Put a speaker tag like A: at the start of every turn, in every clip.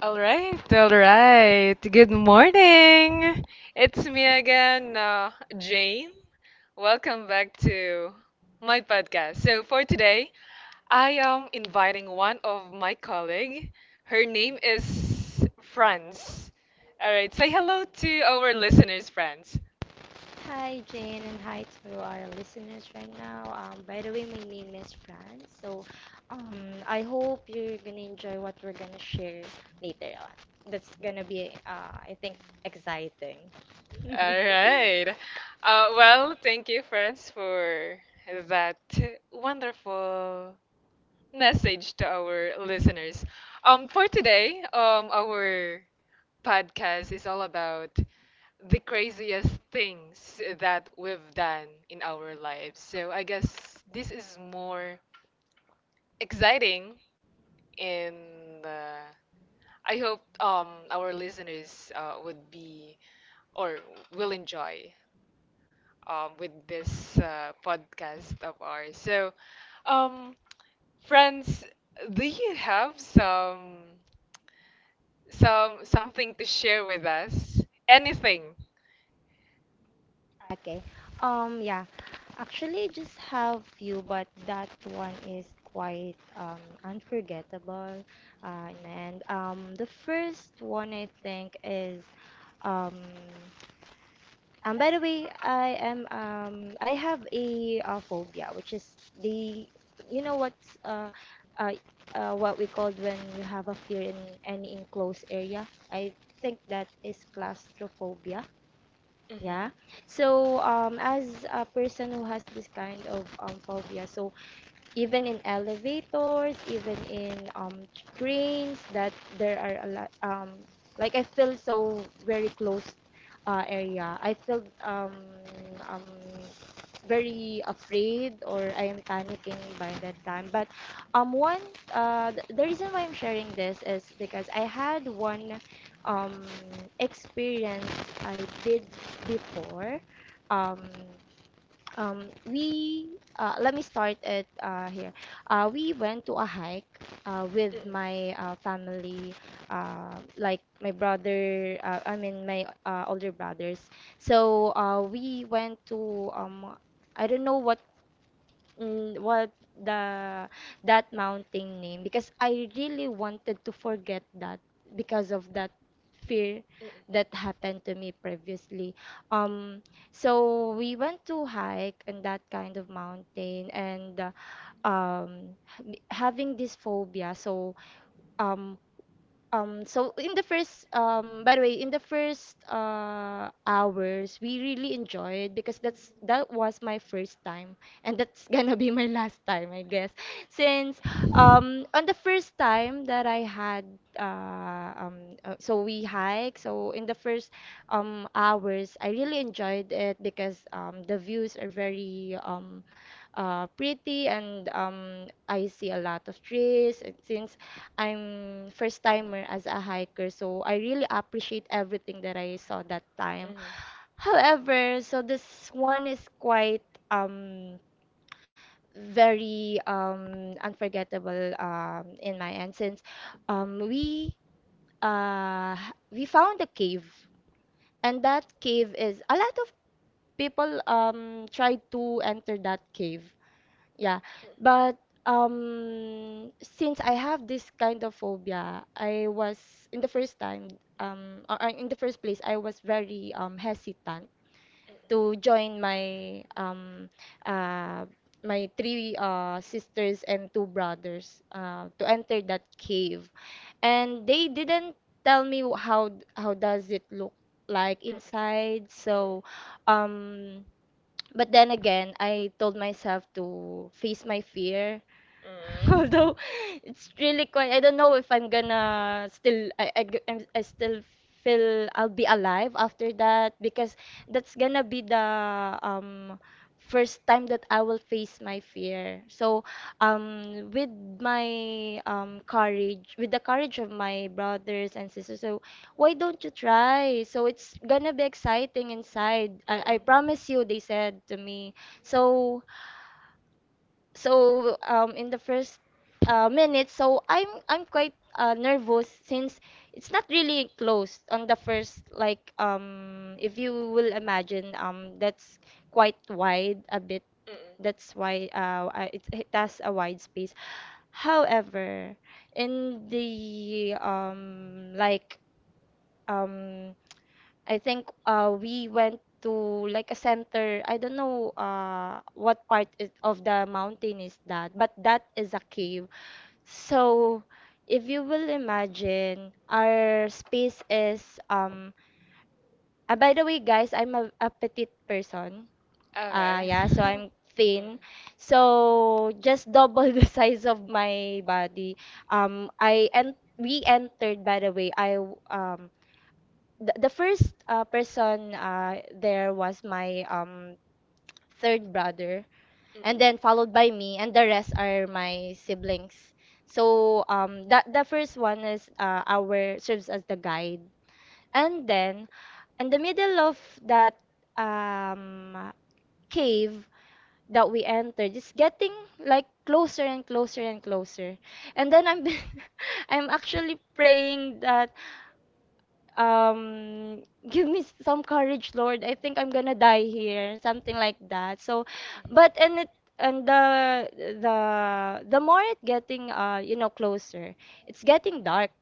A: All right, all right. Good morning. It's me again, Jane. Welcome back to my podcast. So for today, I am inviting one of my colleague. Her name is Franz. All right, say hello to our listeners, Franz.
B: Hi, Jane, and hi to our listeners right now. By the way, my name is Fran. So, um, I hope you're gonna enjoy what we're gonna share later on. That's gonna be, I think, exciting.
A: All right. Well, thank you, Franz, for that wonderful message to our listeners. For today, our podcast is all about the craziest things that we've done in our lives. So I guess this is more exciting, and I hope our listeners would be or will enjoy with this podcast of ours. So, um, friends, do you have some? Something to share with us. Anything.
B: Okay. Yeah. Actually, I just have few, but that one is quite unforgettable. And The first one, I think, is um. By the way, I am I have a phobia, which is the you know uh what we called when you have a fear in any enclosed area. I think that is claustrophobia. Yeah.
A: Mhm.
B: So as a person who has this kind of phobia, so even in elevators, even in trains that there are a lot, like, I feel so very closed area. I feel um very afraid, or I
A: Mm,
B: am panicking
A: mm,
B: by that
A: mm,
B: time.
A: mm,
B: But um one the reason why I'm sharing this is because I had one um experience I did before. Um we Let me start it here. We went to a hike
A: mm.
B: with
A: Mm-mm.
B: my family, like my brother. I mean my older brothers. So, we went to, I don't know what the that mountain name, because I really wanted to forget that, because of that fear that happened to me previously. Um, so we went to hike in that kind of mountain, and uh, um, having this phobia. Um, so, in the first, by the way, in the first hours, we really enjoyed, because that was my first time, and that's gonna be my last time, I guess. Since, on the first time that I had, so we hike. So in the first hours, I really enjoyed it, because the views are very, pretty, and I see a lot of trees. And since I'm first timer as a hiker, so I really appreciate everything that I saw that time.
A: Mm-mm.
B: However, so this one is quite, um, very, unforgettable, in my end, since, we we found a cave, and that cave is a lot of people tried to enter that cave, yeah, but, since I have this kind of phobia, I was in the first time, or in the first place, I was very hesitant to join uh my three sisters and two brothers to enter that cave, and they didn't tell me how does it look like inside, so um. But then again, I told myself to face my fear. Although it's really quite. I don't know if I'm gonna still. I still feel I'll be alive after that, because that's gonna be the um first time that I will face my fear. So, with my courage, with the courage of my brothers and sisters. So, why don't you try? So it's gonna be exciting inside. I promise you, they said to me. So so, in the first minute, so I'm quite nervous, since it's not really close on the first, like, if you will imagine, that's quite wide a bit. That's why it has a wide space. However, in the, like, um I think we went to like a center. I don't know what part is, of the mountain is that, but that is a cave. So if you will imagine, our space is um. By the way, guys, I'm a petite person. Uh,
A: Okay.
B: yeah, so I'm thin. So just double the size of my body. I and We entered, by the way. The first person there was my, third brother, and then followed by me, and the rest are my siblings. So, that the first one is, our serves as the guide. And then in the middle of that, um, cave that we entered, it's getting like closer and closer and closer. And then I'm I'm actually praying that, um give me some courage, Lord, I think I'm gonna die here, something like that. So
A: Mm-mm.
B: but and it
A: Mhm.
B: and the more it getting, you know, closer, it's getting dark.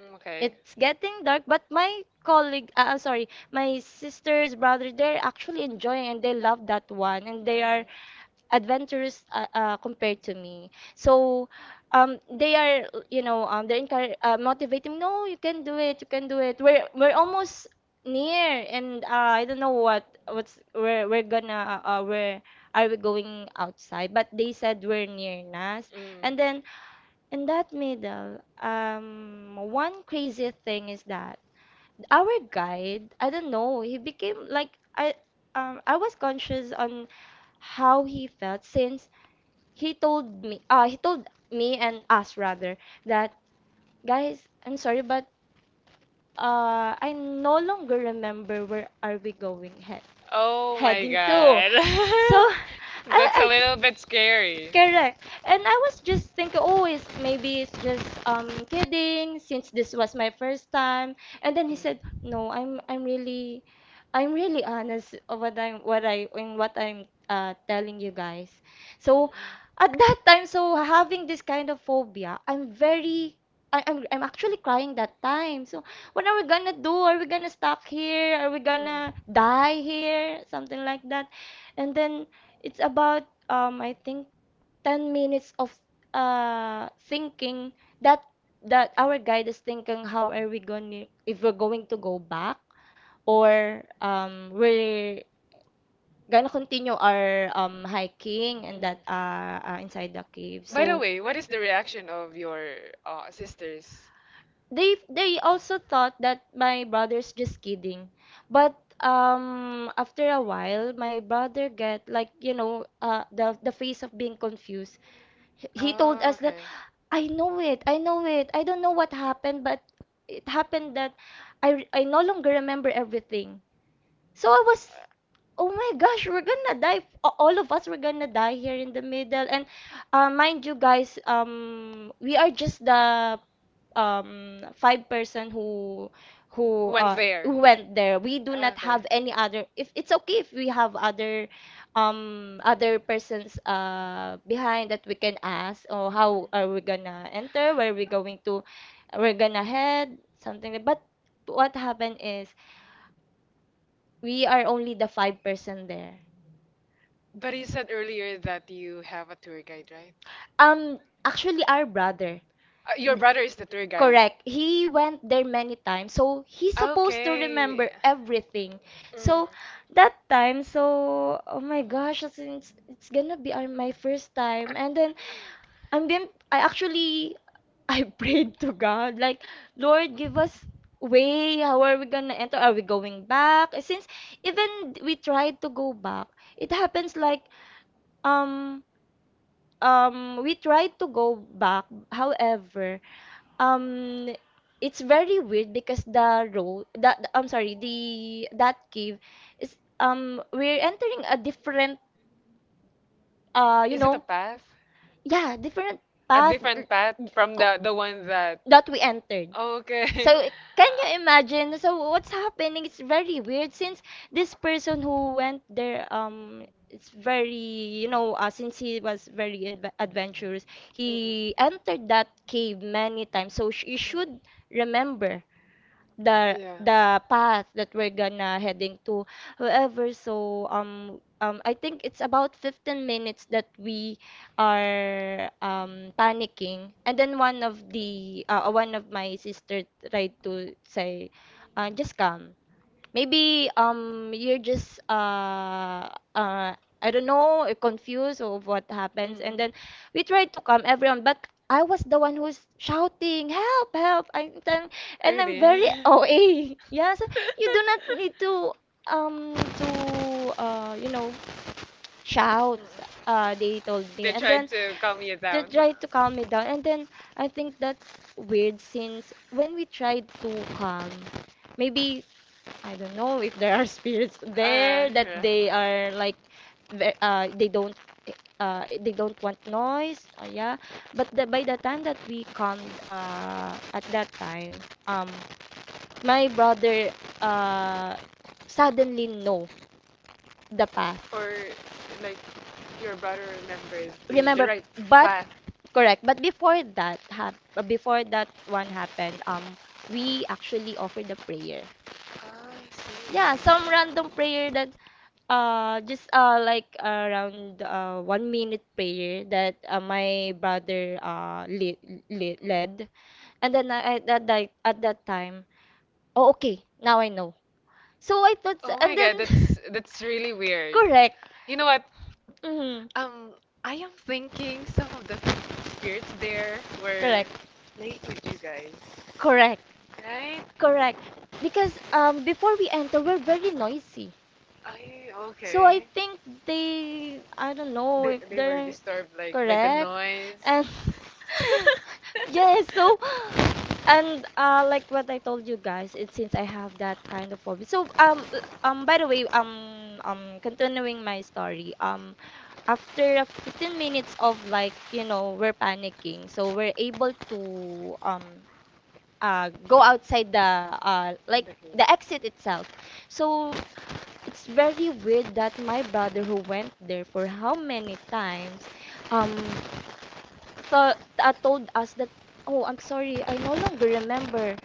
A: Mm, okay.
B: It's getting dark, but my colleague, sorry, my sisters, brother, they're actually enjoying, and they love that one, and they are
A: Mhm.
B: adventurous, compared to me. So, they are, they're encourage, motivating. No, you can do it. You can do it. We're
A: Mhm.
B: almost near. And I don't know what what's we're gonna where are we going outside? But they said we're near Nas,
A: Mm.
B: and then in that middle, one crazy thing is that our guide, I don't know, he became like I. I was conscious on how he felt, since he told me, and us rather, that, guys, I'm sorry, but I no longer remember where are we going
A: Oh. So,
B: heading to. So i
A: I
B: i
A: little bit scary.
B: correct. And I was just thinking, oh, it's maybe it's just kidding, since this was my first time. And then he said, no, I'm really honest of what I'm what I in what I'm telling you guys. So
A: We're
B: at that time, so having this kind of phobia, I'm very I, I'm actually crying that time. So, what are we gonna do? Are we gonna stuck here? Are we gonna die here? Something like that. And then, it's about, I think, 10 minutes of thinking that our guide is thinking how are we going to, if we're going to go back, or, we're gonna continue our hiking and that, inside the cave.
A: By the
B: So
A: way, what is the reaction of your sisters?
B: they also thought that my brother's just kidding, but after a while, my brother get like, you know, the face of being confused. He told
A: Oh,
B: us that,
A: okay.
B: I know it, I know it, I don't know what happened. But it happened that I no longer remember everything. So I was, oh my gosh, we're gonna die. All of us were gonna die here in the middle. And, mind you guys, we are just the five person
A: Who went there?
B: who went there. We do
A: Ah,
B: not
A: okay.
B: have any other. If it's okay if we have other other persons behind that we can ask, or how are we gonna enter? Where we going to? We're gonna head something, but what happened is we are only the five-person there.
A: But you said earlier that you have a tour guide, right?
B: Um, Actually, our brother.
A: Your
B: N-
A: brother is the tour guide.
B: Correct. He went there many times, so he's supposed to
A: Okay.
B: remember everything. So
A: Mm.
B: that time, so oh my gosh, it's gonna be my first time. And then, I'm been I actually I prayed to God, like, Lord, give us way. How are we gonna enter? Are we going back? Since even we tried to go back, it happens like, um we tried to go back. However, um it's very weird because the road that I'm sorry, the that cave is, we're entering a different, you
A: Is it a
B: know,
A: path?
B: yeah, different
A: A
B: path
A: different path from the one that.
B: that we entered.
A: Oh, okay.
B: So can you imagine? So what's happening? It's very weird, since this person who went there, it's very, since he was very adventurous, he entered that cave many times. So you should remember the
A: Yeah.
B: the path that we're gonna heading to. However, I think it's about 15 minutes that we are panicking, and then one of the one of my sister tried to say, "Just come, maybe you're just uh I don't know, confused of what happens." And then
A: Mm.
B: we tried to calm everyone, but I was the one who's shouting, "Help, help," I'm telling, and I'm
A: Really?
B: very OA. "Yes, you do not need to shout," they told me.
A: They
B: And
A: tried
B: then
A: to calm you
B: they
A: down.
B: tried to calm me down. And then I think that's weird, since when we tried to calm, maybe, I don't know if there are spirits there that
A: Yeah.
B: they are like, they don't, they don't want noise, yeah. But by the time that we come at that time, my brother uh suddenly know the path.
A: Or like your brother remembers the
B: Remember.
A: right
B: But
A: path.
B: correct, but before before that one happened, we actually offered a prayer.
A: Oh, I
B: Yeah, some
A: see.
B: random prayer that, just like around 1 minute prayer that, my brother lead, lead, led, and then at at that time, oh okay, now I know. So I thought,
A: Oh
B: and
A: my
B: then
A: god, that's really weird.
B: correct,
A: You know what?
B: mm,
A: Um, I am thinking some of the spirits there were
B: correct,
A: late with you guys,
B: correct,
A: right?
B: correct, because before we enter, we're very noisy.
A: I
B: So I
A: okay.
B: think they, I don't know
A: They,
B: if
A: they were
B: they're.
A: disturbed like by the
B: Correct.
A: noise.
B: And
A: Oh
B: yes. So, and like what I told you guys, it, since I have that kind of hobby. So by the way, continuing my story, after a 15 minutes of, like, you know, we're panicking. So we're able to um go outside the like the exit itself. So it's very weird that my brother who went there for how many times, um thought told us that, "Oh, I'm sorry, I no longer remember."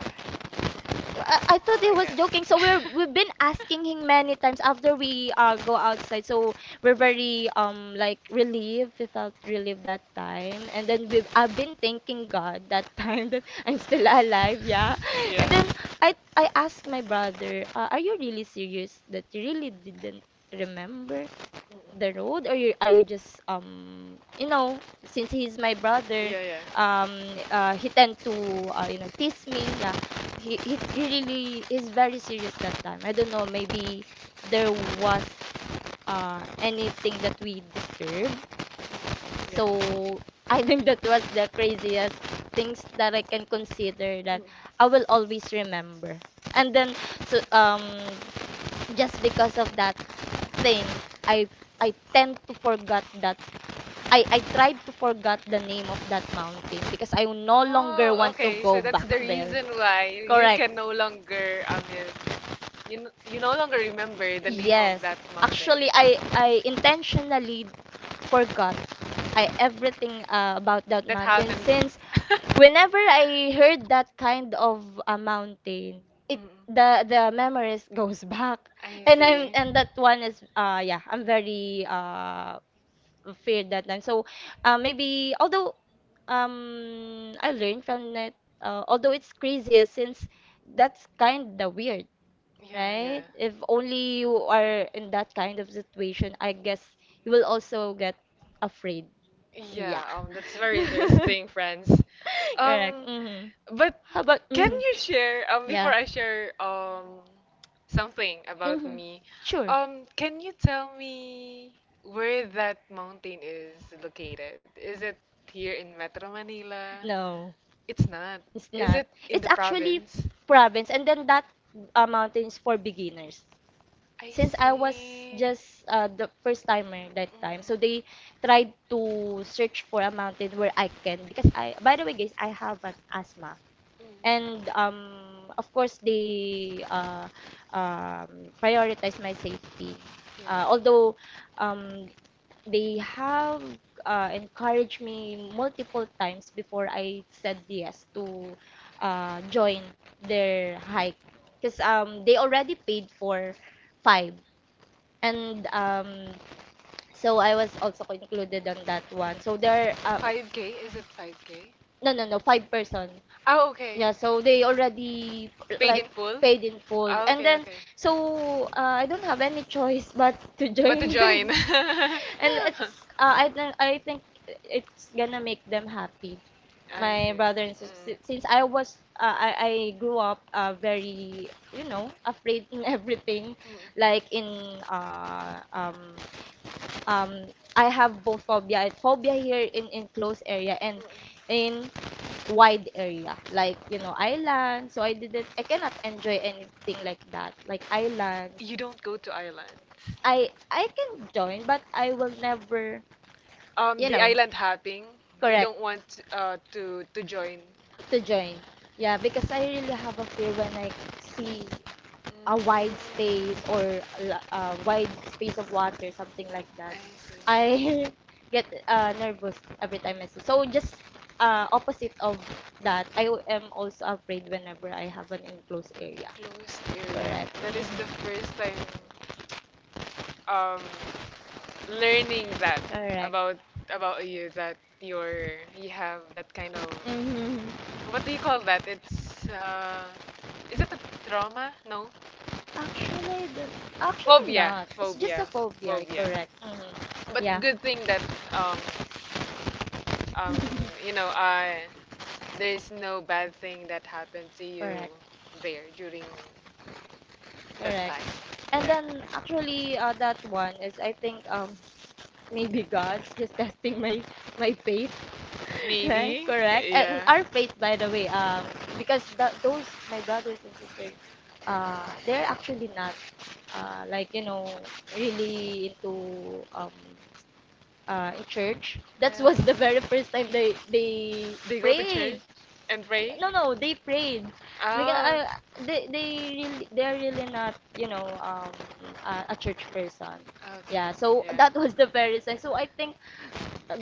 B: I thought he
A: my god.
B: was joking, so we've been asking him many times after we go outside. So we're very like relieved, we felt relieved that time. And then we I've been thanking God that time that I'm still alive, yeah. And then
A: Yeah.
B: I asked my brother, "Are you really serious that you really didn't remember the road, or you, are you just since he's my brother
A: Yeah, yeah,
B: he tend to tease me?" Yeah. He really is very serious that time. I don't know, maybe there was anything that we disturb.
A: yeah.
B: So I think that was the craziest things that I can consider that I will always remember. And then so, just because of that thing, i I tend to forget that, I tried to forget the name of that mountain because I no longer
A: Oh,
B: want to
A: okay.
B: go
A: So that's the
B: back there.
A: reason why you
B: Correct.
A: can no longer, I mean, you, you no longer remember the name of
B: Yes,
A: that mountain.
B: actually I intentionally forgot, I everything, about that
A: That
B: mountain,
A: happened.
B: since whenever I heard that kind of a mountain, it,
A: Mm,
B: the memories goes back.
A: I
B: And I'm,
A: see.
B: and that one is, yeah, I'm very, feared that time. So, maybe although, I learned from it. Although it's crazy, since that's kind of weird,
A: Yeah, yeah.
B: right? If only you are in that kind of situation, I guess you will also get afraid.
A: Yeah,
B: Yeah.
A: that's very interesting, friends.
B: Correct.
A: Um,
B: Mm-hmm.
A: but
B: How about
A: can
B: mm-hmm.
A: you share, before
B: Yeah.
A: I share, something about
B: Mm-hmm.
A: me,
B: Sure.
A: can you tell me where that mountain is located? Is it here in Metro Manila?
B: No.
A: It's not.
B: It's
A: Is it
B: not.
A: in the
B: It's actually
A: province?
B: province, and then that mountain is for beginners.
A: I
B: Since I was
A: see.
B: just the first timer that time, so
A: Mm,
B: they tried to search for a mountain where I can, because I. By the way, guys, I have an asthma,
A: mm, mm.
B: and of course they prioritize my safety.
A: Yeah.
B: Although um, they have, encouraged me multiple times before I said yes to join
A: Mm.
B: their hike, because they already paid for five, and so I was also included on that one, so there,
A: 5K? Is it 5K?
B: no, no, no, five person.
A: Oh, okay.
B: Yeah, so they already,
A: Paid in
B: like,
A: full?
B: paid in full.
A: Oh,
B: And
A: okay,
B: then,
A: okay.
B: so I don't have any choice but to
A: But to
B: join
A: join.
B: them.
A: I
B: And it's, I think, I think it's gonna make them happy.
A: see.
B: My brother and sister, since I was, I grew up, very, you know, afraid in everything,
A: Mm.
B: like in uh, um um I have both phobia here in closed area, and
A: Mm.
B: in wide area, like, you know, island. So I didn't, I cannot enjoy anything like that, like islands.
A: You don't go to islands.
B: I can join, but I will never, you
A: The
B: know,
A: island hopping. You don't
B: correct,
A: want to join.
B: to join. Yeah, because I really have a fear when I see a wide
A: Mm,
B: space, a wide space of water, something like that.
A: I see.
B: I get, nervous every time I see. So just, opposite of that, am also afraid whenever I have an enclosed area.
A: Closed area.
B: Correct.
A: That is the
B: Mhm.
A: first time um learning that
B: Correct.
A: about about you that you have that kind of,
B: Mm-hmm.
A: what do you call that? It's is it a trauma? No.
B: Actually, actually
A: Phobia,
B: not. It's just a
A: phobia,
B: phobia.
A: phobia.
B: Correct. Mm.
A: Mm-hmm. But
B: Yeah.
A: good thing that um um you know uh there's no bad thing that happened to you
B: Correct.
A: there during that
B: Correct.
A: time.
B: And
A: Yeah.
B: then actually, that one is, I think, maybe God's just testing my faith, right?
A: Maybe.
B: Correct. And
A: Yeah. Yeah.
B: our faith, by the way, because th those my brothers and sisters, they're actually not, like, you know, really into in church. That was the very first time they
A: They go to
B: prayed.
A: church and pray?
B: No, no, they prayed because
A: Ah.
B: I, they really, they're really not, you know, a church person.
A: Okay.
B: Yeah, so that was the very sign. So I think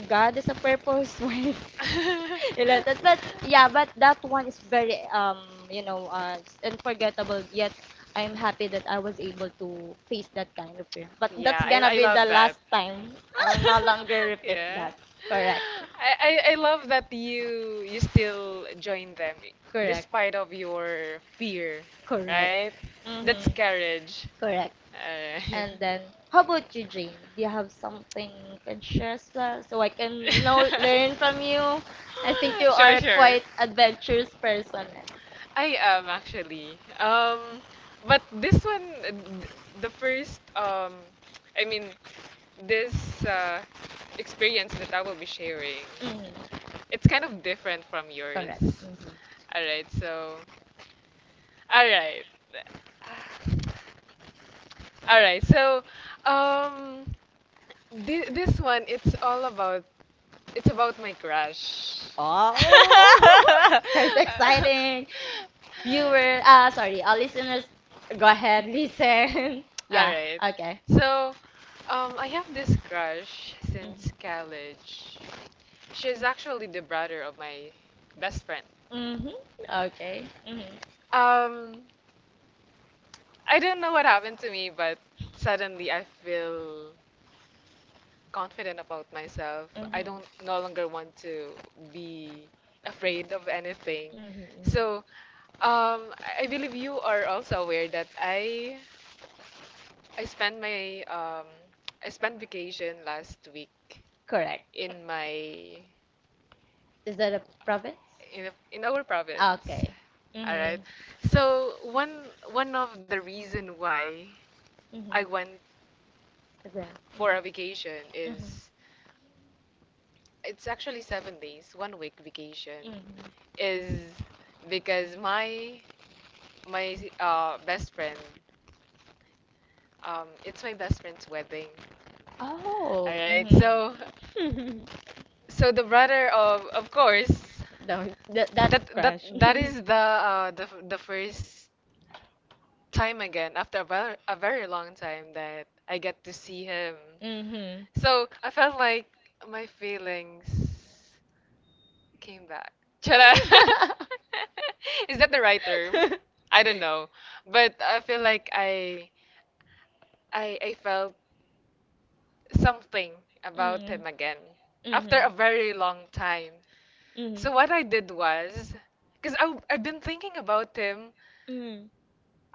B: God is a purpose why related. But yeah, but that one is very, you know uh unforgettable
A: Yeah.
B: yet. I'm happy that I was able to face that kind of fear, but that's
A: Yeah,
B: gonna
A: I
B: be the
A: love
B: last
A: that.
B: time. I will no longer repeat
A: Yeah.
B: that. Correct.
A: I love that you still join them
B: Correct.
A: despite of your fear,
B: Correct.
A: right? That's
B: Mm-hmm.
A: courage.
B: Correct.
A: Alright.
B: And then, how about you, Jane? Do you have something you can share as well, so I can, you know, learn from you? I think you
A: Sure,
B: are
A: sure.
B: quite adventurous person, eh.
A: I am actually. But this one, the first, I mean, this experience that I will be sharing,
B: Mhm.
A: it's kind of different from
B: Correct.
A: yours.
B: Hmm.
A: All right, so all right, all right, so um, this one, it's about my crush.
B: Oh, quite exciting. Viewer, sorry, listeners, go ahead, listen.
A: All
B: Yeah,
A: right.
B: okay.
A: So, I have this crush since
B: Mm-hmm.
A: college. She's actually the brother of my best friend.
B: Mm-hmm. Okay. Mm-hmm.
A: Um, I don't know what happened to me, but suddenly I feel confident about myself. I don't
B: Mm-hmm.
A: no longer want to be afraid of anything.
B: Mm-hmm.
A: So, I believe you are also aware that I spent my I spent vacation last week
B: Correct.
A: in my
B: Is that a province?
A: in our province.
B: Okay.
A: All right.
B: Mm-hmm.
A: So one of the reason why I
B: Mm-hmm.
A: went
B: Is that?
A: for a vacation
B: Mm-hmm.
A: is it's actually 7 days, one week vacation
B: Mm-hmm.
A: is because my best friend it's my best friend's wedding.
B: Oh.
A: All right, so
B: Mm-hmm.
A: the brother of course
B: That, that, that's
A: that that
B: crash.
A: that is the first time again after a very long time that I get to see him.
B: Mm-hmm.
A: So I felt like my feelings came back. Chara. Is that the right term? I don't know. But I feel like I felt something about
B: Mm.
A: him again
B: Mhm. Mhm.
A: after a very long time. So what I did was because I've been thinking about him
B: Mm.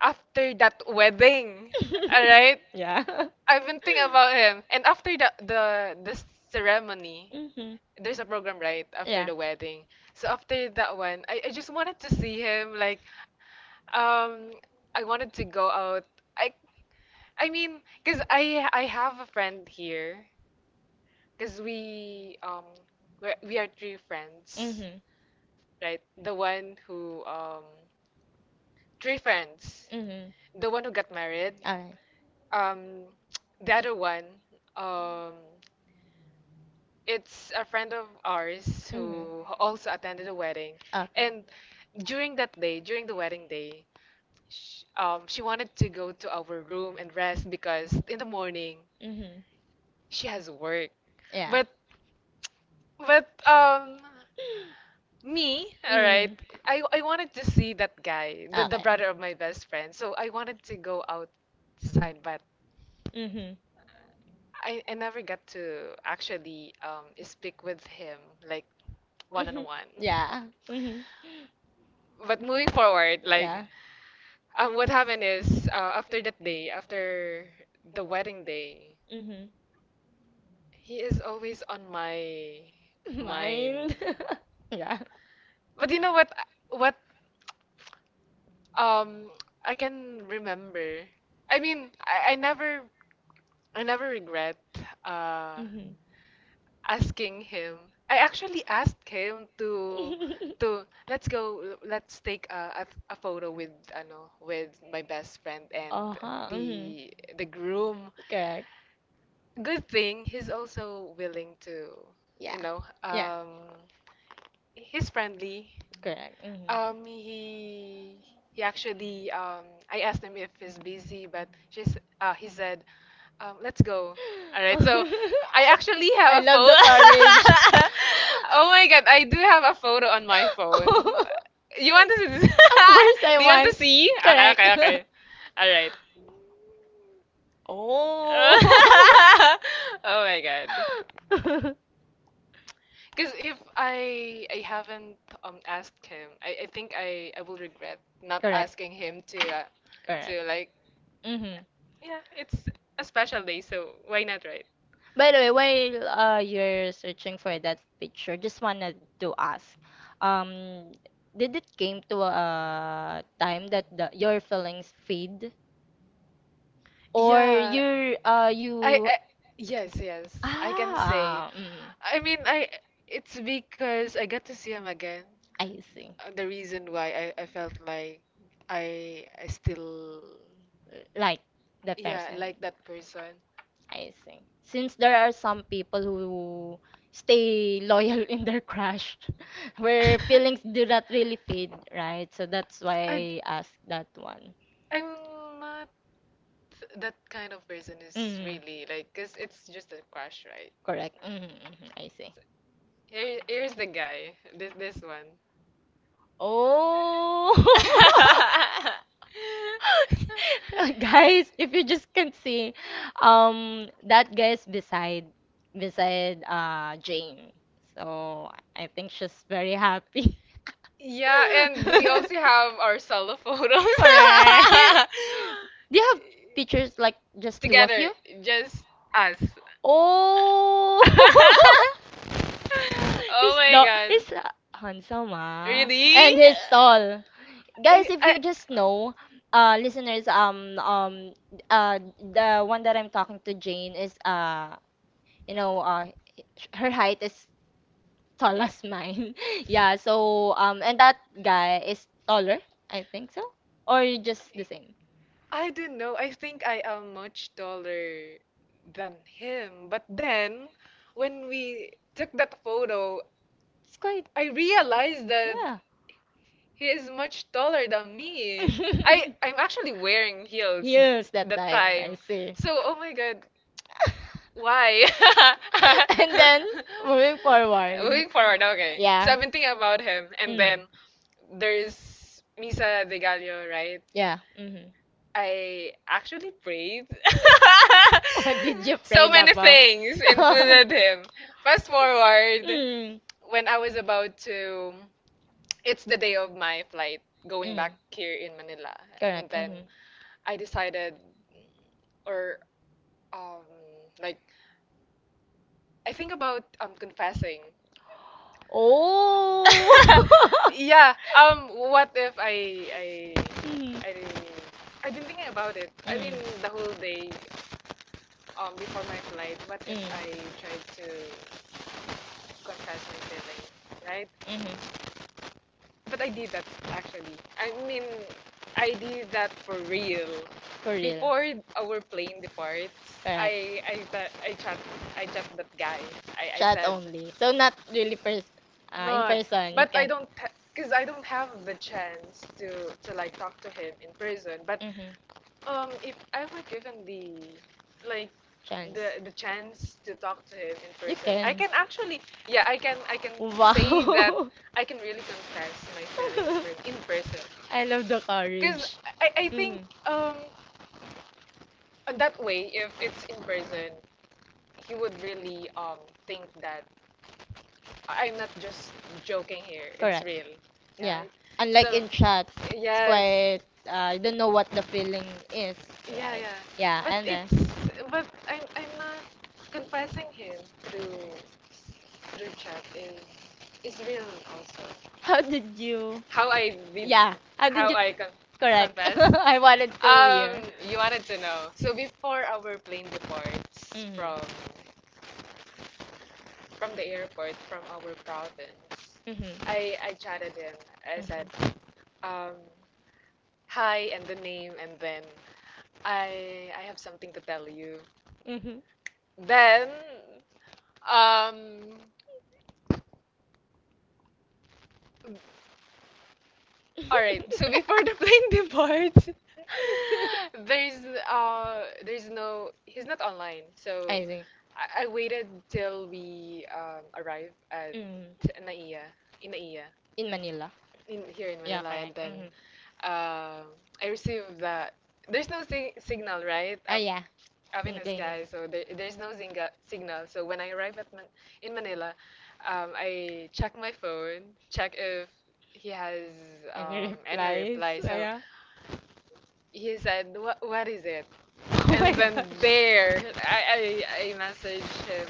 A: after that wedding. All right?
B: Yeah.
A: I've been thinking about him, and after the ceremony,
B: Mhm.
A: there's a program right after
B: Yeah.
A: the wedding. So after that one, I just wanted to see him, like, Um, I wanted to go out. I I mean, cause I have a friend here. Cause we are three friends,
B: Mhm.
A: right? The one who three friends.
B: Mhm.
A: The one who got married.
B: All right.
A: Um, the other one um it's a friend of ours
B: Mhm.
A: who also attended a wedding,
B: Okay.
A: and during that day, during the wedding day, she wanted to go to our room and rest because in the morning
B: Mhm.
A: she has work.
B: Yeah.
A: But but um me, all right,
B: Mhm.
A: I wanted to see that guy, the
B: Okay.
A: brother of my best friend. So I wanted to go outside, but
B: Mhm.
A: I never got to actually speak with him, like, one on
B: Mhm.
A: one.
B: Yeah. Mhm.
A: But moving forward, like,
B: Yeah.
A: what happened is after that day, after the wedding day,
B: Mhm.
A: he is always on my mind.
B: Mind. Yeah.
A: But you know what? What um I can remember. I mean, I never regret uh asking him. I actually asked him to
B: Mhm.
A: let's take a photo with ano with my best friend and
B: Uh huh. Hmm.
A: the the groom.
B: Correct.
A: Good thing he's also willing to, you
B: Yeah.
A: know,
B: Yeah.
A: um he's friendly.
B: Correct. Hmm.
A: Um, he he actually I asked him if he's busy, but she's he said, let's go. All right, so I actually
B: I
A: have a photo.
B: love the courage.
A: Oh my god, I do have a photo on my phone. You want to see?
B: Of course, I
A: Do you want
B: won.
A: to see? Okay, okay,
B: Correct.
A: okay. All right.
B: Oh.
A: Oh my god. Because if I haven't asked him, I think I will regret not
B: Correct.
A: asking him to
B: Correct.
A: like,
B: Hmm.
A: yeah, it's a special day so why not, right?
B: By the way, while you're searching for that picture, just wanted to ask, um, did it came to a time that the, your feelings fade, or
A: Yeah,
B: you're
A: I,
B: you,
A: I yes, yes I can say.
B: ah mm,
A: I mean I it's because I got to see him again.
B: I see,
A: The reason why I felt like I still,
B: like the
A: yeah,
B: person,
A: like that person.
B: I see. Since there are some people who stay loyal in their crush, where feelings do not really fade, right? So that's
A: I
B: why I asked that one.
A: I'm not that kind of person is
B: Mm.
A: really like, cause it's just a crush, right?
B: Correct. Hmm. Hmm. I see.
A: So, here's the guy. This one.
B: Oh, guys, if you just can see, that guy's beside Jane. So I think she's very happy.
A: Yeah, and we also have our solo photos
B: Correct. Do you have pictures like just two of
A: together,
B: you?
A: just us.
B: Oh,
A: Oh
B: he's
A: my
B: the
A: god,
B: he's handsome, ah,
A: really?
B: and he's tall.
A: I,
B: Guys, if
A: I,
B: you just know, listeners, the one that I'm talking to, Jane, is, you know, her height is tall as mine. Yeah, so, and that guy is taller, I think so, or just the same.
A: I don't know. I think I am much taller than him. But then, when we took that photo,
B: It's quite,
A: I realized that
B: yeah,
A: he is much taller than me. I I'm actually wearing heels
B: heels that
A: that
B: time, I
A: time.
B: see.
A: So, oh my God, why?
B: And then, moving forward,
A: Moving forward, okay. So
B: yeah,
A: I'm thinking about him, and
B: mm,
A: then there's Misa De Gallo, right?
B: yeah, mhm.
A: I actually prayed.
B: What did you pray
A: So many
B: about?
A: things included him. Fast forward,
B: Mm.
A: when I was about to, it's the day of my flight going
B: Mm.
A: back here in Manila, and
B: Correct.
A: then
B: Mm-hmm.
A: I decided, or um, like, I think about confessing.
B: Oh.
A: Yeah. What if I
B: Mm. Mm.
A: I I've been thinking about it. I mean,
B: Mm.
A: the whole day before my flight, what if I tried to confess my feelings, right?
B: Mm-hmm.
A: But I did that. Actually, I mean, I did that for real.
B: For real.
A: Before our plane departs,
B: Correct.
A: I chat that guy. I
B: Chat
A: said,
B: only. So not really in
A: not,
B: person. You
A: but I
B: can.
A: don't, because I don't have the chance to like, talk to him in person. But if I were given the, like, the chance to talk to him in person, I can actually, yeah, I can say that I can really confess my feelings for, in person.
B: I love the Cause
A: Because
B: courage.
A: I
B: I'm,
A: think um that way, if it's in person, he would really think that I'm not just joking here. It's real, yeah.
B: really,
A: So
B: so chat,
A: yes,
B: quite, you don't know what the feeling is.
A: yeah, yeah. But
B: Yeah. Yeah.
A: it's, but I'm not confessing him through chat is, it's real, also.
B: How did you.
A: How I read, yeah.
B: Yeah. How did
A: how
B: you?
A: I con
B: Correct.
A: Confess. I
B: I wanted to
A: wanted
B: hear.
A: to. You wanted to know. So before our plane departs
B: Mhm.
A: from the airport from our province,
B: Mhm. Mhm.
A: I chatted him. I said, um, hi and the name, and then I have something to tell you.
B: Mhm.
A: Then, um all right. So before the plane departs, there's there's, no, he's not online. So
B: I see.
A: I waited till we arrive at
B: Mhm.
A: Naiya, in Naiya
B: In Manila.
A: in here in
B: Yeah,
A: Manila, and
B: correct.
A: then
B: Mhm.
A: um, I received that. There's no si signal, right?
B: Ah
A: Up,
B: yeah.
A: up in
B: In
A: the
B: plane.
A: sky, so there, there's no zinga signal. So when I arrived at Man in Manila, I check my phone, check if he has
B: Any
A: any
B: replies?
A: reply.
B: Ah
A: So
B: yeah.
A: he said, "What is it?"
B: Oh
A: And
B: my
A: then
B: gosh.
A: there, I message him,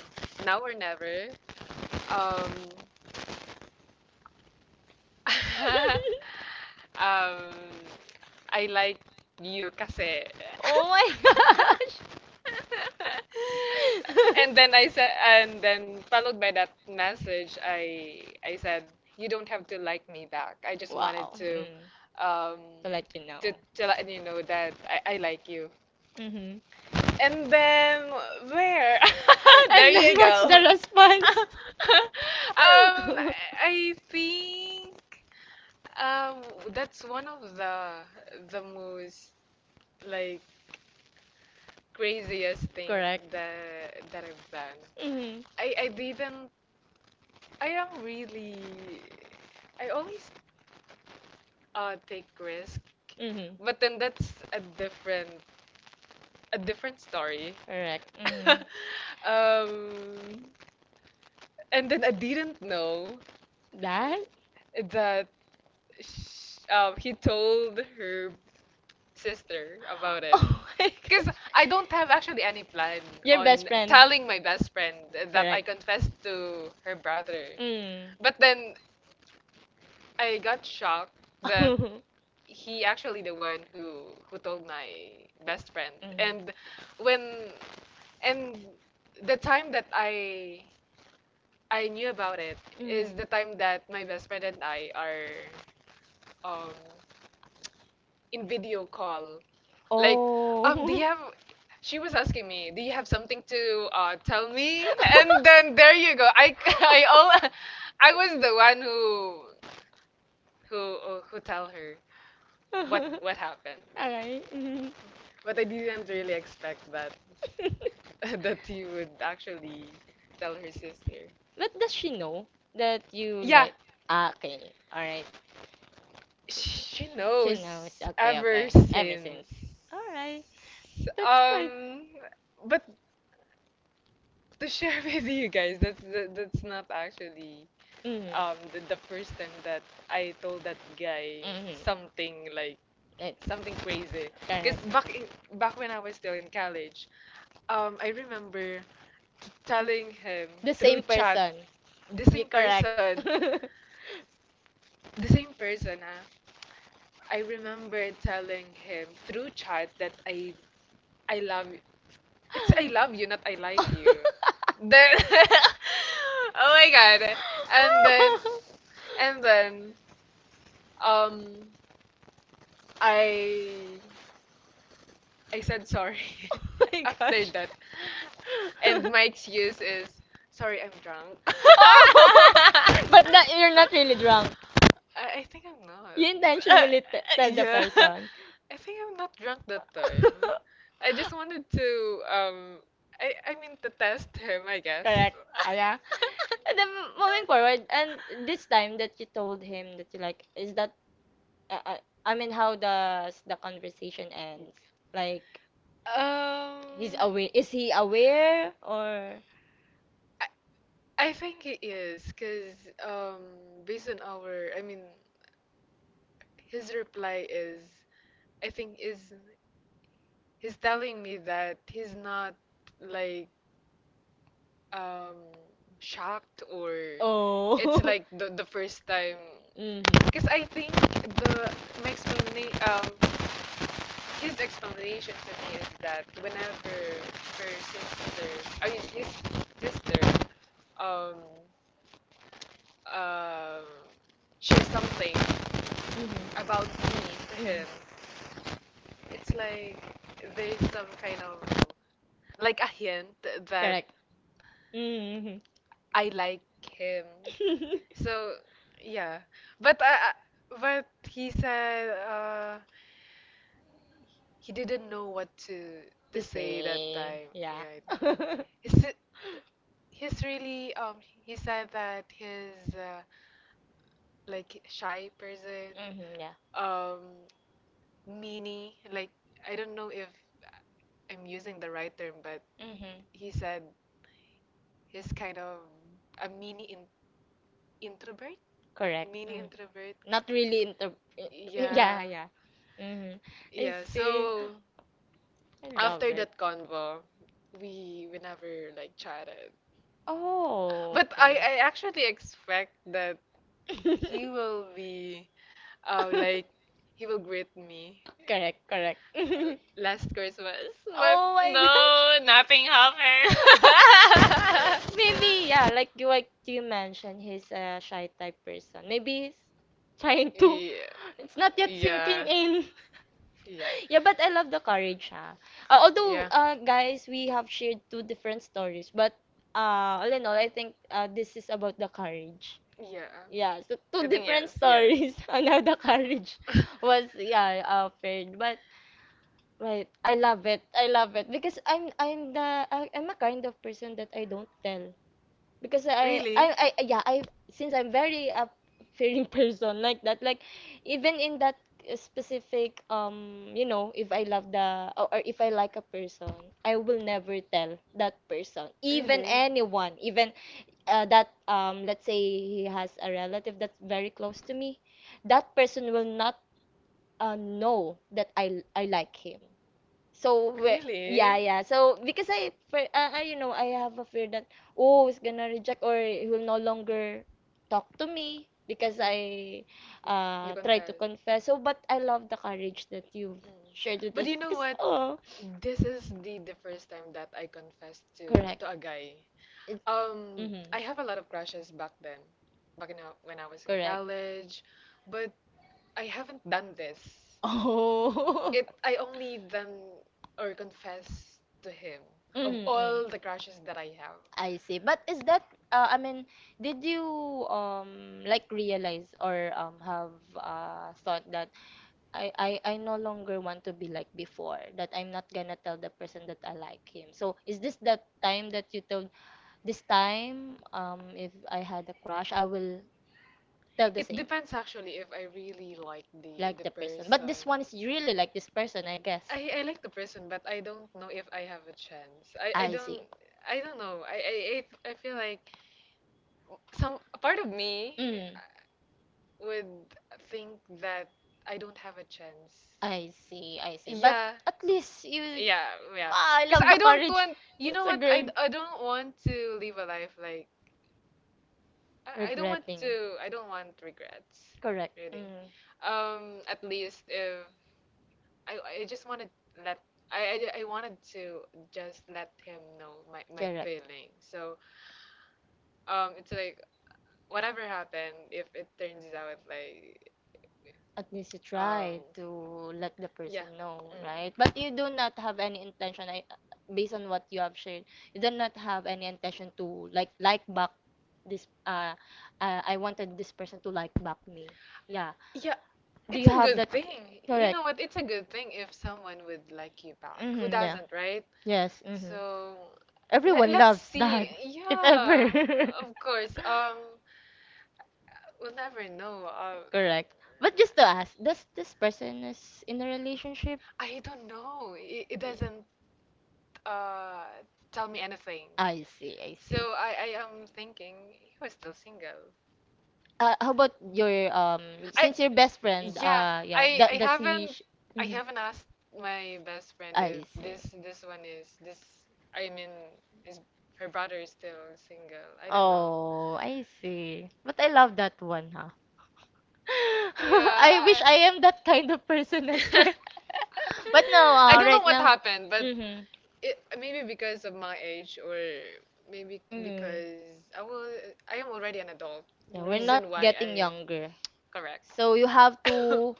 A: "Now or never." Um, Um, I like you kasi.
B: Oh my gosh.
A: And then I said, and then followed by that message, I said, you don't have to like me back. I just wanted to,
B: Mm.
A: um,
B: To let you know.
A: to let you know that I like you.
B: It's, hmm,
A: And then where? There you go.
B: response?
A: Um, I I think, um, that's one of the most, like, craziest thing that I've done.
B: Mm-hmm.
A: I didn't. I am really. I always take risk,
B: Mm-hmm.
A: but then that's a different, story.
B: Correct. Hmm.
A: Um, and then I didn't know
B: That?
A: that sh he told her sister about it.
B: Oh my.
A: Because I don't have actually any plan on telling my best friend that I confessed to her brother. But then I got shocked that he actually the one who told my best friend.
B: Mhm.
A: And when and the time that I knew about it is the time that my best friend and I are, um in video call. Like, do. Oh,
B: Oh.
A: you have? She was asking me, do you have something to, tell me? And then there you go. I I was the one who tell her what what happened.
B: Alright. Mhm.
A: But I didn't really expect that that he would actually tell her sister.
B: But does she know that you,
A: Yeah,
B: ah, okay, Alright.
A: she
B: knows,
A: knows ever
B: knows.
A: since.
B: Since, Alright.
A: Um, but to share with you guys, that's not actually,
B: Mm.
A: the first time that I told that guy
B: Mm.
A: something like
B: It,
A: something crazy. Because back when I was still in college, I remember telling him through
B: same
A: chat, the same person,
B: person.
A: the same person. Huh? I remember telling him through chat that I love. It's "I love you," not "I like you." Then, oh my god. And then,
B: Oh
A: and then, um, I, I said sorry
B: my
A: after
B: gosh.
A: that. And my excuse is, sorry, I'm drunk.
B: Oh! But not, you're not really drunk.
A: I think I'm not.
B: You
A: Uh,
B: intentionally tell the
A: yeah.
B: person.
A: I think I'm not drunk that time. I just wanted to, I mean, to test him, I guess.
B: Correct. Ah, yeah. And then, moving forward, and this time that you told him that you like, is that, uh, uh, I mean, how does the conversation ends? Like,
A: Ara,
B: he's aware,
A: Is
B: is he aware, or?
A: I, I think he is, cuz, um based on our, I mean his reply is, I think is he's telling me that he's not, like, um shocked, or it's
B: Oh.
A: like the first time,
B: Mm-hmm.
A: because I think the my explanation his explanation to me is that whenever her sister, I mean his sister, um um shares something
B: Mm-hmm.
A: about me to
B: Mm-hmm.
A: him, it's like there's some kind of, like, a hint that
B: Correct. Mm-hmm.
A: I like him. So yeah, but he said, he didn't know what to
B: The
A: say that
B: same.
A: time.
B: Yeah.
A: Yeah, he's he's really, he said that he's, like, shy person,
B: Mm-hmm. Yeah.
A: um meanie. Like, I don't know if I'm using the right term, but
B: Mm-hmm.
A: he said he's kind of a mini, introvert,
B: Correct.
A: mini
B: Mm.
A: introvert.
B: Not really inter. i- Yeah.
A: Yeah,
B: Yeah. Mm-hmm. I
A: yeah.
B: see.
A: So,
B: I love
A: after
B: it.
A: that convo, we never, like, chatted.
B: Oh.
A: But I actually expect that
B: You,
A: he will be, like, he will greet me
B: correct. Correct.
A: last Christmas, but
B: Oh my
A: no, nothing happened.
B: gosh. Maybe, yeah, like you, like you mentioned, he's a shy type person. Maybe he's trying to,
A: Yeah,
B: it's not
A: yeah,
B: yet sinking
A: yeah,
B: in.
A: yeah,
B: Yeah,
A: yeah.
B: but I love the courage, ha. Although, guys, we have shared two different stories, but all in all, I think, this is about the courage. Yeah, so
A: I
B: two
A: think
B: different
A: yes,
B: stories on how the courage
A: yeah.
B: was, yeah, offered, but right, I love it. I love it because I'm, I'm a kind of person that I don't tell, because
A: Really?
B: yeah, I, since I'm very up-fearing person like that, like even in that specific, you know, if I love the, or if I like a person, I will never tell that person, even
A: Really?
B: anyone, even that, let's say he has a relative that's very close to me, that person will not, know that I like him. So we-
A: Really?
B: yeah, yeah. So because I have a fear that oh, he's gonna reject or he will no longer talk to me
A: Mm-mm.
B: because I
A: You
B: tried to
A: confess.
B: confess. So but I love the courage that you've shared
A: Mm.
B: with
A: But
B: us
A: you know
B: because
A: because what?
B: oh,
A: Oh, this is the first time that I confessed to
B: correct.
A: to a guy.
B: It, mm-hmm.
A: I have a lot of crushes back then, back in, when I was in
B: Correct.
A: college, but I haven't done this.
B: Oh.
A: It I only done, or confess to him, of
B: Mm, mm.
A: all the crushes that I have.
B: I see. But is that I mean, did you like realize or have thought that I no longer want to be like before, that I'm not gonna tell the person that I like him. So is this that time that you told this time if I had a crush, I will tell the
A: It
B: same.
A: depends actually if I really like the
B: Like
A: the the
B: the person.
A: person. But
B: But
A: person. This
B: this one is really like this person, I guess.
A: I like the person, but I don't know if I have a chance. I
B: I
A: don't
B: see.
A: see. I don't know. I feel like some a part of me,
B: Mm,
A: uh, would think that I don't have a chance.
B: I see, I see.
A: But
B: But
A: yeah.
B: at least you,
A: Yeah, yeah.
B: ah, I
A: Because
B: love the
A: I don't
B: courage.
A: want,
B: Want,
A: you know
B: it's
A: what? I,
B: girl
A: I don't want to live a life like, I don't want
B: regretting.
A: to. I don't want regrets.
B: Correct.
A: Really.
B: Mm,
A: At least if, I just want to let, I wanted to just let him know my
B: correct.
A: feelings. So, it's like whatever happened, if it turns out like,
B: At least you
A: um,
B: try to let the
A: yeah.
B: person know, right? But you
A: Mm.
B: do not have any intention, I, based on what you have shared, you do not have any intention to like back this. Uh, I wanted this person to like back me. Yeah.
A: Yeah,
B: Do
A: it's
B: you
A: a
B: have
A: good
B: that?
A: thing. You
B: Correct.
A: know what? It's a good thing if someone would like you back. Who
B: Mm-hmm, yeah.
A: doesn't, right?
B: Yes. Mm-hmm.
A: So, let,
B: Everyone
A: let's
B: loves that,
A: see.
B: if
A: Yeah,
B: ever.
A: of course. We'll never know.
B: Correct. But just to ask, does this person is in a relationship?
A: I don't know. It doesn't uh tell me anything.
B: I see, I
A: So
B: see.
A: I am thinking he was still single.
B: How about your
A: I
B: since your best friend
A: Yeah,
B: yeah,
A: I I
B: that does he
A: haven't
B: sh-?
A: I
B: Mhm.
A: haven't asked my best friend if
B: I see.
A: this one is this, I mean, is her brother is still single. I don't know.
B: Oh, I see. But I love that one, huh? I wish
A: Yeah,
B: I am that kind of person as
A: I
B: well. But no,
A: I don't know
B: right
A: what
B: now.
A: happened, but,
B: Mm-hmm.
A: maybe because of my age, or maybe
B: Mm.
A: because I am already an adult.
B: Yeah,
A: The
B: we're not
A: reason why
B: getting
A: I,
B: younger.
A: correct.
B: So you have to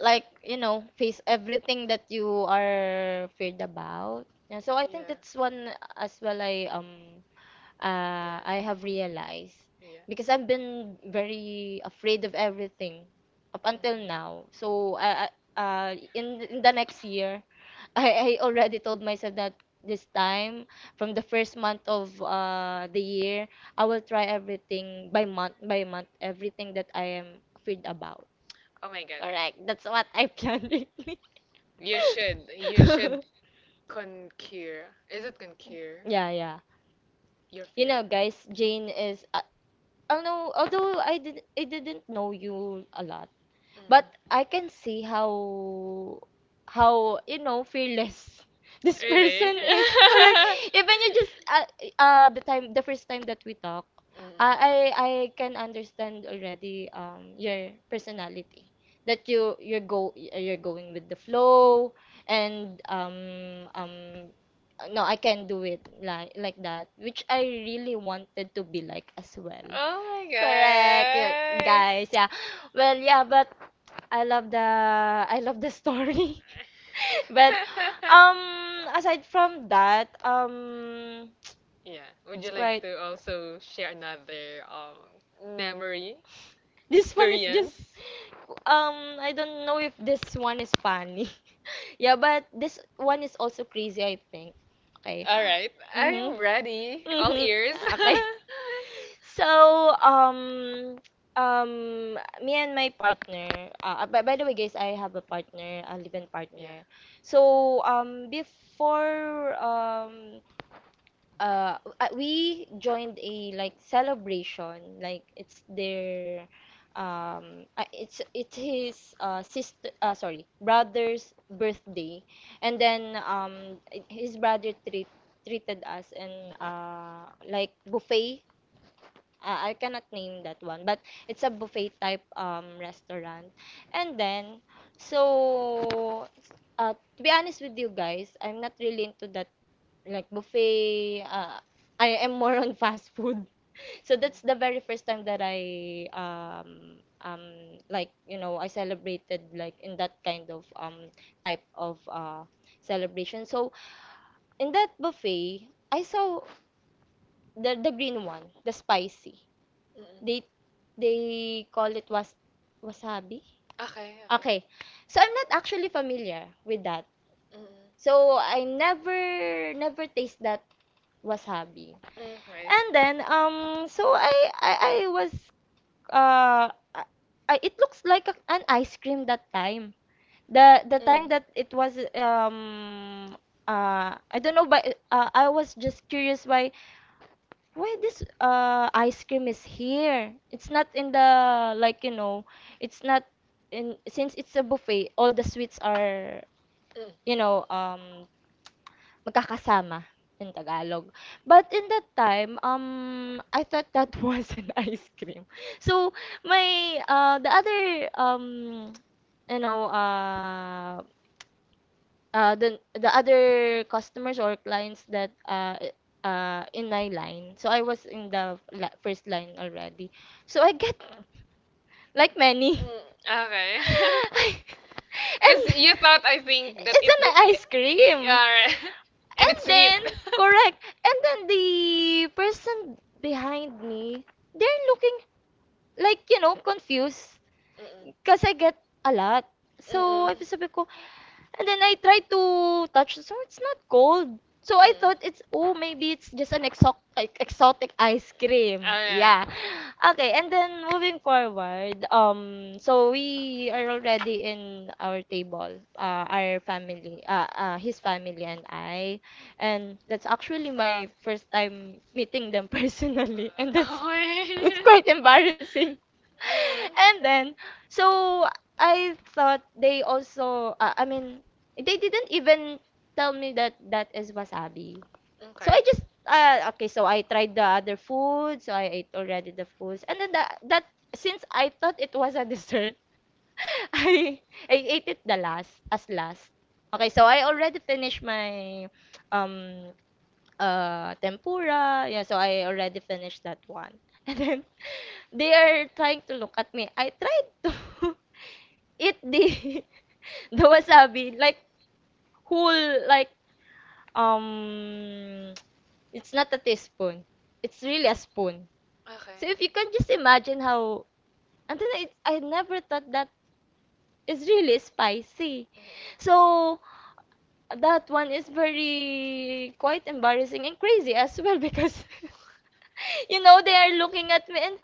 B: like, you know, face everything that you are feared about. Yeah, so I think that's one as well I have realized
A: Miss. Yeah.
B: because I've been very afraid of everything up until now. So I in the next year, I already told myself that this time from the first month of the year, I will try everything by month everything that I am afraid about.
A: Oh my god.
B: Correct. That's what I planned. Really.
A: You should. Conquer. Is it conquer?
B: Yeah, yeah.
A: Your, you
B: You know, guys,
A: fear.
B: Jane is. Although I didn't know you a lot.
A: Mm.
B: But I can see how you know fearless this person is. Correct. Even you just
A: it's-
B: the time the first time that we talk,
A: Mm.
B: I can understand already your personality that you're going with the flow and no I can do it like that, which I really wanted to be like as well.
A: Oh my,
B: Correct, yeah, guys. Yeah.
A: yeah.
B: Well, yeah, but I love the I love the story.
A: Guys,
B: But
A: yeah.
B: um aside from that,
A: Yeah. Would
B: it's
A: you like
B: quite.
A: to also share another, memory,
B: This one is
A: experience?
B: just
A: Just.
B: I don't know if this one is funny. Yeah, but this one is also crazy, I think. Okay.
A: All right,
B: Mm-hmm.
A: I'm. Mm. Ready. My. All
B: Mm-hmm.
A: ears.
B: Okay. So, um, um, me and my partner, by the way, guys, I have a partner, a live-in
A: Yeah.
B: partner. So, before, we joined a like celebration, like it's their, it's his sister, sorry, brother's birthday, and then his brother treated us and like buffet, I cannot name that one, but it's a buffet type restaurant. And then, so to be honest with you guys, I'm not really into that like buffet. I am more on fast food. So that's the very first time that I like you know I celebrated like in that kind of type of celebration. So in that buffet, I saw the green one, the spicy.
A: Mm-mm.
B: They call it was wasabi.
A: Okay, okay. After.
B: Okay. So I'm not actually familiar with that.
A: Mm-mm.
B: So I never taste that wasabi.
A: Mm, wait.
B: And then so I was uh I, it looks like a, an ice cream that time. The time
A: Mm.
B: that it was
A: Um.
B: I don't know, but I was just curious why this ice cream is here? It's not in the like you know, it's not in, since it's a buffet, all the sweets are,
A: Mm.
B: you know, magkakasama in Tagalog. But in that time, I thought that was an ice cream. So my the other um you know the other customers or clients that in my line. So I was in the la- first line already. So I get like many.
A: Mm. Okay. And because, and
B: And
A: you thought I think that
B: it's an ice cream.
A: yeah,
B: And then
A: right.
B: correct. And then the person behind me, they're looking like you know confused
A: Mm-mm.
B: because I get a lot. So I sabi ko, and then I tried to touch the store. It's not cold. So I thought it's oh maybe it's just an exotic like, exotic ice cream.
A: Ah.
B: Yeah. Okay, and then moving forward, so we are already in our table. Uh, our family, his family and I. And that's actually my first time meeting them personally, and
A: Okay.
B: that's quite
A: Quite.
B: embarrassing. And then so I thought they also, I mean, they didn't even tell me that that is wasabi.
A: So.
B: So I just okay, so I tried the other food, so I ate already the foods. And then that, since I thought it was a dessert, I I ate it the last as last. Okay, so I already finished my um tempura. Yeah, so I already finished that one. And then they are trying to look at me. I tried to eat the the wasabi like whole like um it's not a teaspoon. It's really a spoon.
A: Mm. So.
B: So if you
A: Okay.
B: can just imagine how, and then I never thought that is really spicy.
A: Mm-mm.
B: So that one is very quite embarrassing and crazy as well because you know, they are looking at me and,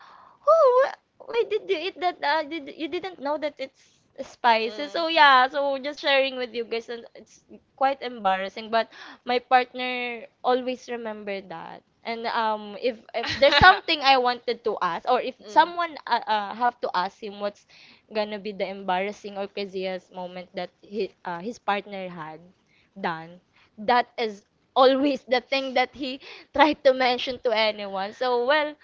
B: oh, wh- why did you eat that? Did, you didn't know that it's spicy. So yeah, so just sharing with you guys, and it's quite embarrassing, but my partner always remember that. And if there's something I wanted to ask, or if someone have to ask him what's gonna be the embarrassing or craziest moment that he, his partner had done, that is always the thing that he try to mention to anyone. So, well,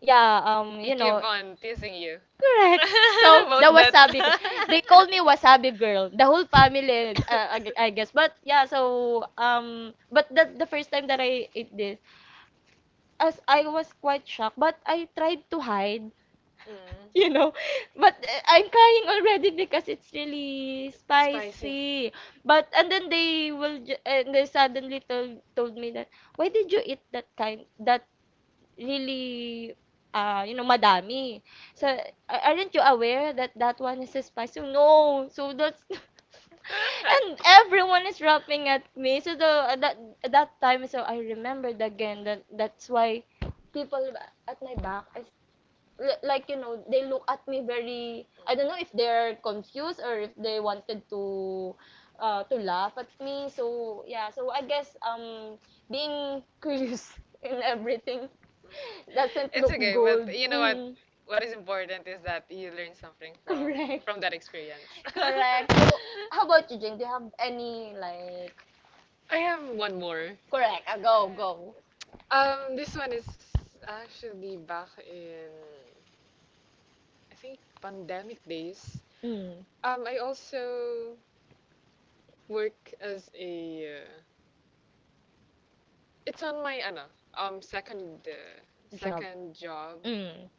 B: yeah, you know,
A: On teasing you.
B: correct. So, the wasabi girl. They called me wasabi girl. The whole family, I guess. But yeah, so but the first time that I ate this, as I was quite shocked, but I tried to hide. You
A: Mm.
B: know, but I'm crying already because it's really spicy. But and then they will ju- and they suddenly told me that why did you eat that kind that really you know, madami. So, a- aren't you aware that that one is a spice so no. So that's and everyone is rapping at me. So the that at that time, so I remembered again that that's why people at my back is li- like you know they look at me very I don't know if they're confused or if they wanted to laugh at me, so yeah, so I guess being curious in everything doesn't
A: It's
B: look
A: okay,
B: good.
A: but you know what?
B: Mm,
A: What is important is that you learn something from
B: correct.
A: that experience.
B: Correct. So, how about you, Jing? Do you have any like?
A: I have one more.
B: Correct. Go, go.
A: This one is actually back in, I think, pandemic days.
B: Mm,
A: I also work as a. It's on my ano, second,
B: job.
A: second job.
B: Mm,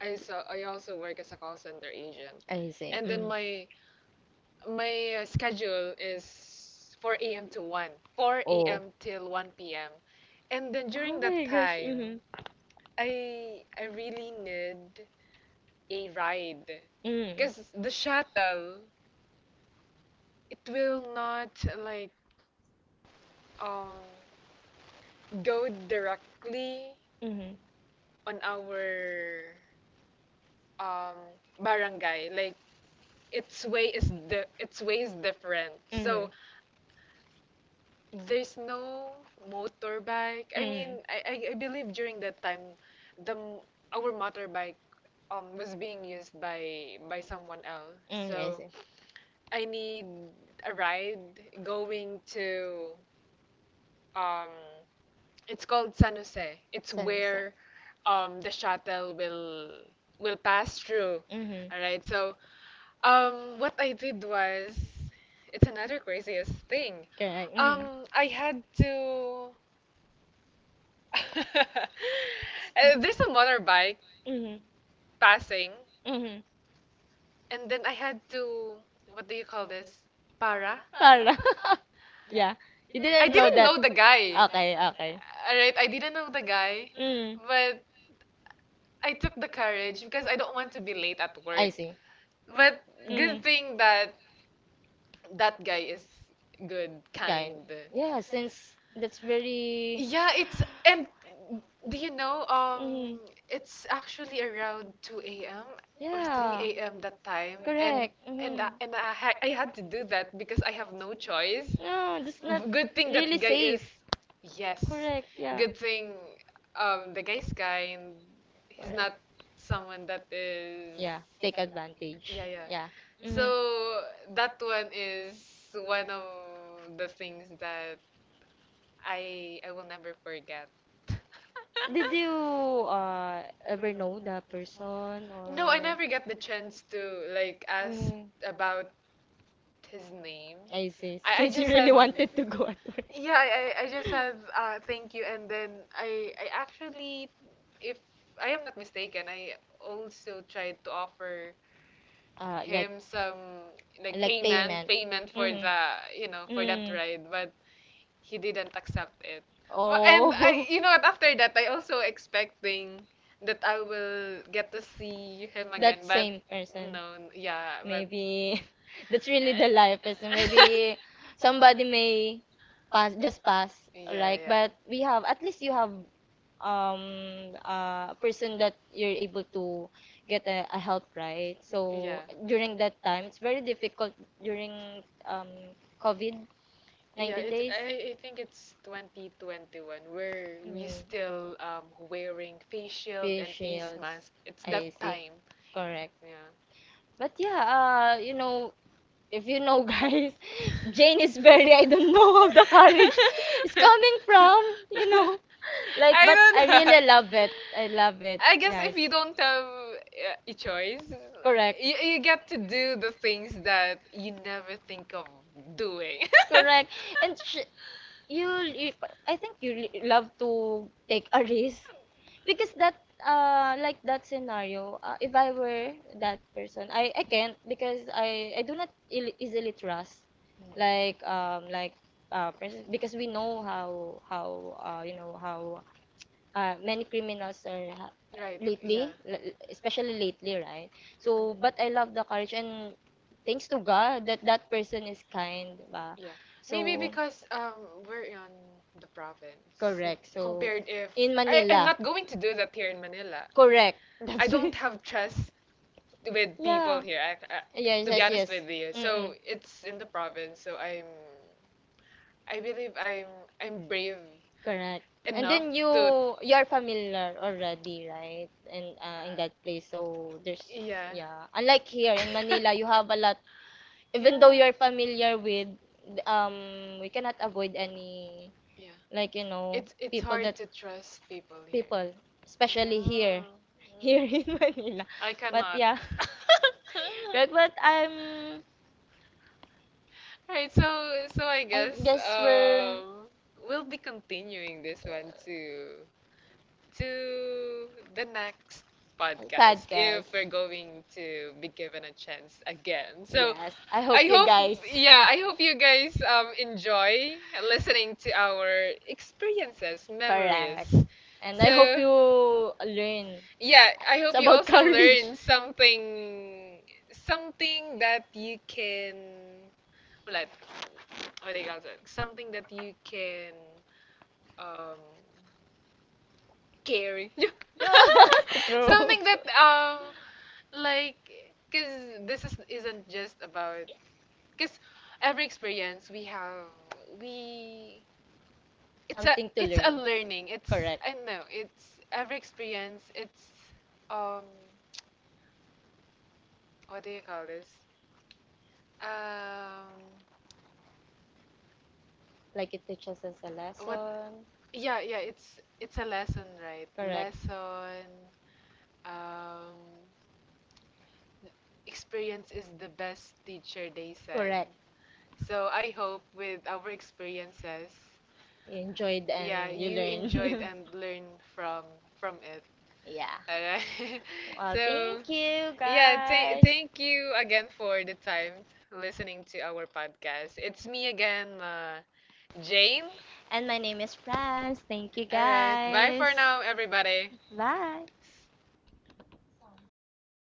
A: I also work as a call center agent,
B: I see.
A: and then
B: Mm.
A: my schedule is 4 a.m. to 1, 4
B: Oh.
A: a.m. till 1 p.m. And then
B: Oh
A: during that
B: my gosh.
A: time,
B: Mm-hmm.
A: I really need a ride
B: Mm.
A: because the shuttle, it will not, like, um go directly
B: Mm-hmm.
A: on our, um barangay, like, its way is the its way is different,
B: Mm-hmm.
A: so there's no motorbike. I mean,
B: Mm.
A: I believe during that time, the m- our motorbike was being used by someone else.
B: Mm, I
A: So
B: see.
A: I need a ride going to, um it's called San Jose. It's
B: Sunset.
A: where, the shuttle will pass through. All
B: Mm-hmm.
A: right. So, what I did was, it's another craziest thing.
B: Correct. Mm-hmm.
A: I had to there's a motorbike
B: Mm-hmm.
A: passing,
B: Mm-hmm.
A: and then I had to, what do you call this? Para?
B: Para. Yeah. You
A: I
B: didn't know
A: didn't
B: that.
A: know the guy.
B: Okay, okay.
A: Alright, I didn't know the guy,
B: Mm.
A: but I took the courage because I don't want to be late at work.
B: I see.
A: But good
B: Mm-hmm.
A: thing that that guy is good,
B: Kind.
A: kind.
B: Yeah, since that's very.
A: Yeah, it's and do you know,
B: Mm-hmm.
A: it's actually around 2 a.m. or
B: Yeah.
A: 3 a.m. that time, and
B: Correct.
A: and
B: Mm-hmm.
A: I had to do that because I have no choice.
B: No, that's not
A: Good thing that
B: really
A: guy is,
B: safe.
A: yes.
B: Correct. Yeah.
A: Good thing, the guy's guy, and he's not
B: Correct.
A: someone that is,
B: Yeah, take
A: yeah,
B: advantage.
A: yeah.
B: Yeah.
A: So
B: Hmm.
A: that one is one of the things that I will never forget.
B: Did you ever know the person or?
A: No, I never get the chance to, like, ask
B: Mm.
A: about his name.
B: I see.
A: I
B: Since you
A: just
B: really
A: have,
B: wanted to go at work.
A: yeah, I just have, thank you, and then I actually, if I am not mistaken, I also tried to offer
B: Uh, like,
A: him some, like,
B: like
A: payment
B: payment.
A: payment for
B: Mm-hmm.
A: the, for that
B: Mm.
A: ride, but he didn't accept it. And I,
B: Oh,
A: you know what, after that, I also expecting that I will get to see him again,
B: that
A: but
B: same person.
A: no, yeah, but
B: Maybe that's really the life is maybe somebody may pass just pass like,
A: yeah,
B: but we
A: yeah.
B: have at least you have a person that you're able to get a help right, so
A: Yeah.
B: during that time it's very difficult during um COVID
A: Yeah,
B: 19
A: it
B: days.
A: really, I think it's 2021 where we
B: Mm,
A: still, wearing face shield
B: face
A: and face
B: shields.
A: mask. It's that
B: I see,
A: time.
B: correct,
A: Yeah.
B: but yeah you know, if you know, guys, Jane is very, I don't know how the courage is coming
A: It's.
B: from, you know. Like,
A: I
B: but I
A: don't know.
B: really love it. I love it,
A: I guess if
B: guys.
A: you don't have, a choice,
B: Correct.
A: you get to do the things that you never think of doing.
B: Correct. And sh you, I think you l- love to take a risk because that like that scenario if I were that person I can't because I do not il- easily trust like person because we know how you know how many criminals are ha-
A: Right, yeah,
B: lately l- especially lately, right? So but I love the courage and thanks to God that that person is kind diba?
A: yeah. So. Maybe. So
B: So
A: because, we're on the province,
B: correct. So,
A: compared if,
B: in
A: I'm
B: Manila.
A: not going to do that here in Manila.
B: Correct.
A: I
B: That's
A: don't
B: right.
A: have trust with people
B: Yeah.
A: here. Yeah,
B: Yes,
A: to be
B: yes,
A: honest
B: yes.
A: with you,
B: Mm-mm.
A: so it's in the province. So I believe I'm brave
B: Correct. And
A: enough
B: then
A: to are,
B: you are familiar already, right? And in that place, so there's
A: yeah,
B: yeah. Unlike here in Manila, you have a lot. Even though you
A: yeah,
B: are familiar with, we cannot avoid any
A: yeah,
B: like you know
A: it's
B: people that
A: hard to trust people here,
B: people especially here
A: yeah,
B: here in Manila,
A: I
B: but
A: cannot
B: yeah correct, but I'm
A: Alright, so I
B: I
A: guess,
B: guess we're
A: um we'll be continuing this one, too to the next podcast if
B: podcast,
A: we're going to be given a chance again. So
B: yes I hope
A: I
B: you
A: hope,
B: guys
A: yeah, I hope you guys, enjoy listening to our experiences, memories.
B: correct and I hope
A: So,
B: you learn,
A: yeah, I hope
B: it's
A: you
B: about
A: also
B: courage.
A: learn something, something that you can, what, do you call that? Something that you can, um, caring.
B: Yeah, true,
A: Something that, like, cuz this is isn't just about, cuz every experience we have, we it's a
B: something to
A: it's
B: learn,
A: a learning. It's,
B: correct,
A: I don't know, it's, every experience it's, um what do you call this? Um.
B: like it teaches us a
A: What.
B: lesson.
A: Yeah, yeah, it's a lesson, right?
B: Correct.
A: Lesson, um experience is the best teacher, they said.
B: Correct.
A: So I hope with our experiences,
B: You enjoyed
A: yeah,
B: and you
A: you enjoyed
B: learned.
A: and learned from it.
B: Yeah.
A: All right.
B: Well,
A: So,
B: thank you
A: yeah, thank
B: guys.
A: thank you again for the time listening to our podcast. It's me again, Jane.
B: And my name is Franz. Thank you
A: All right. Bye
B: guys.
A: for now, everybody.
B: Bye.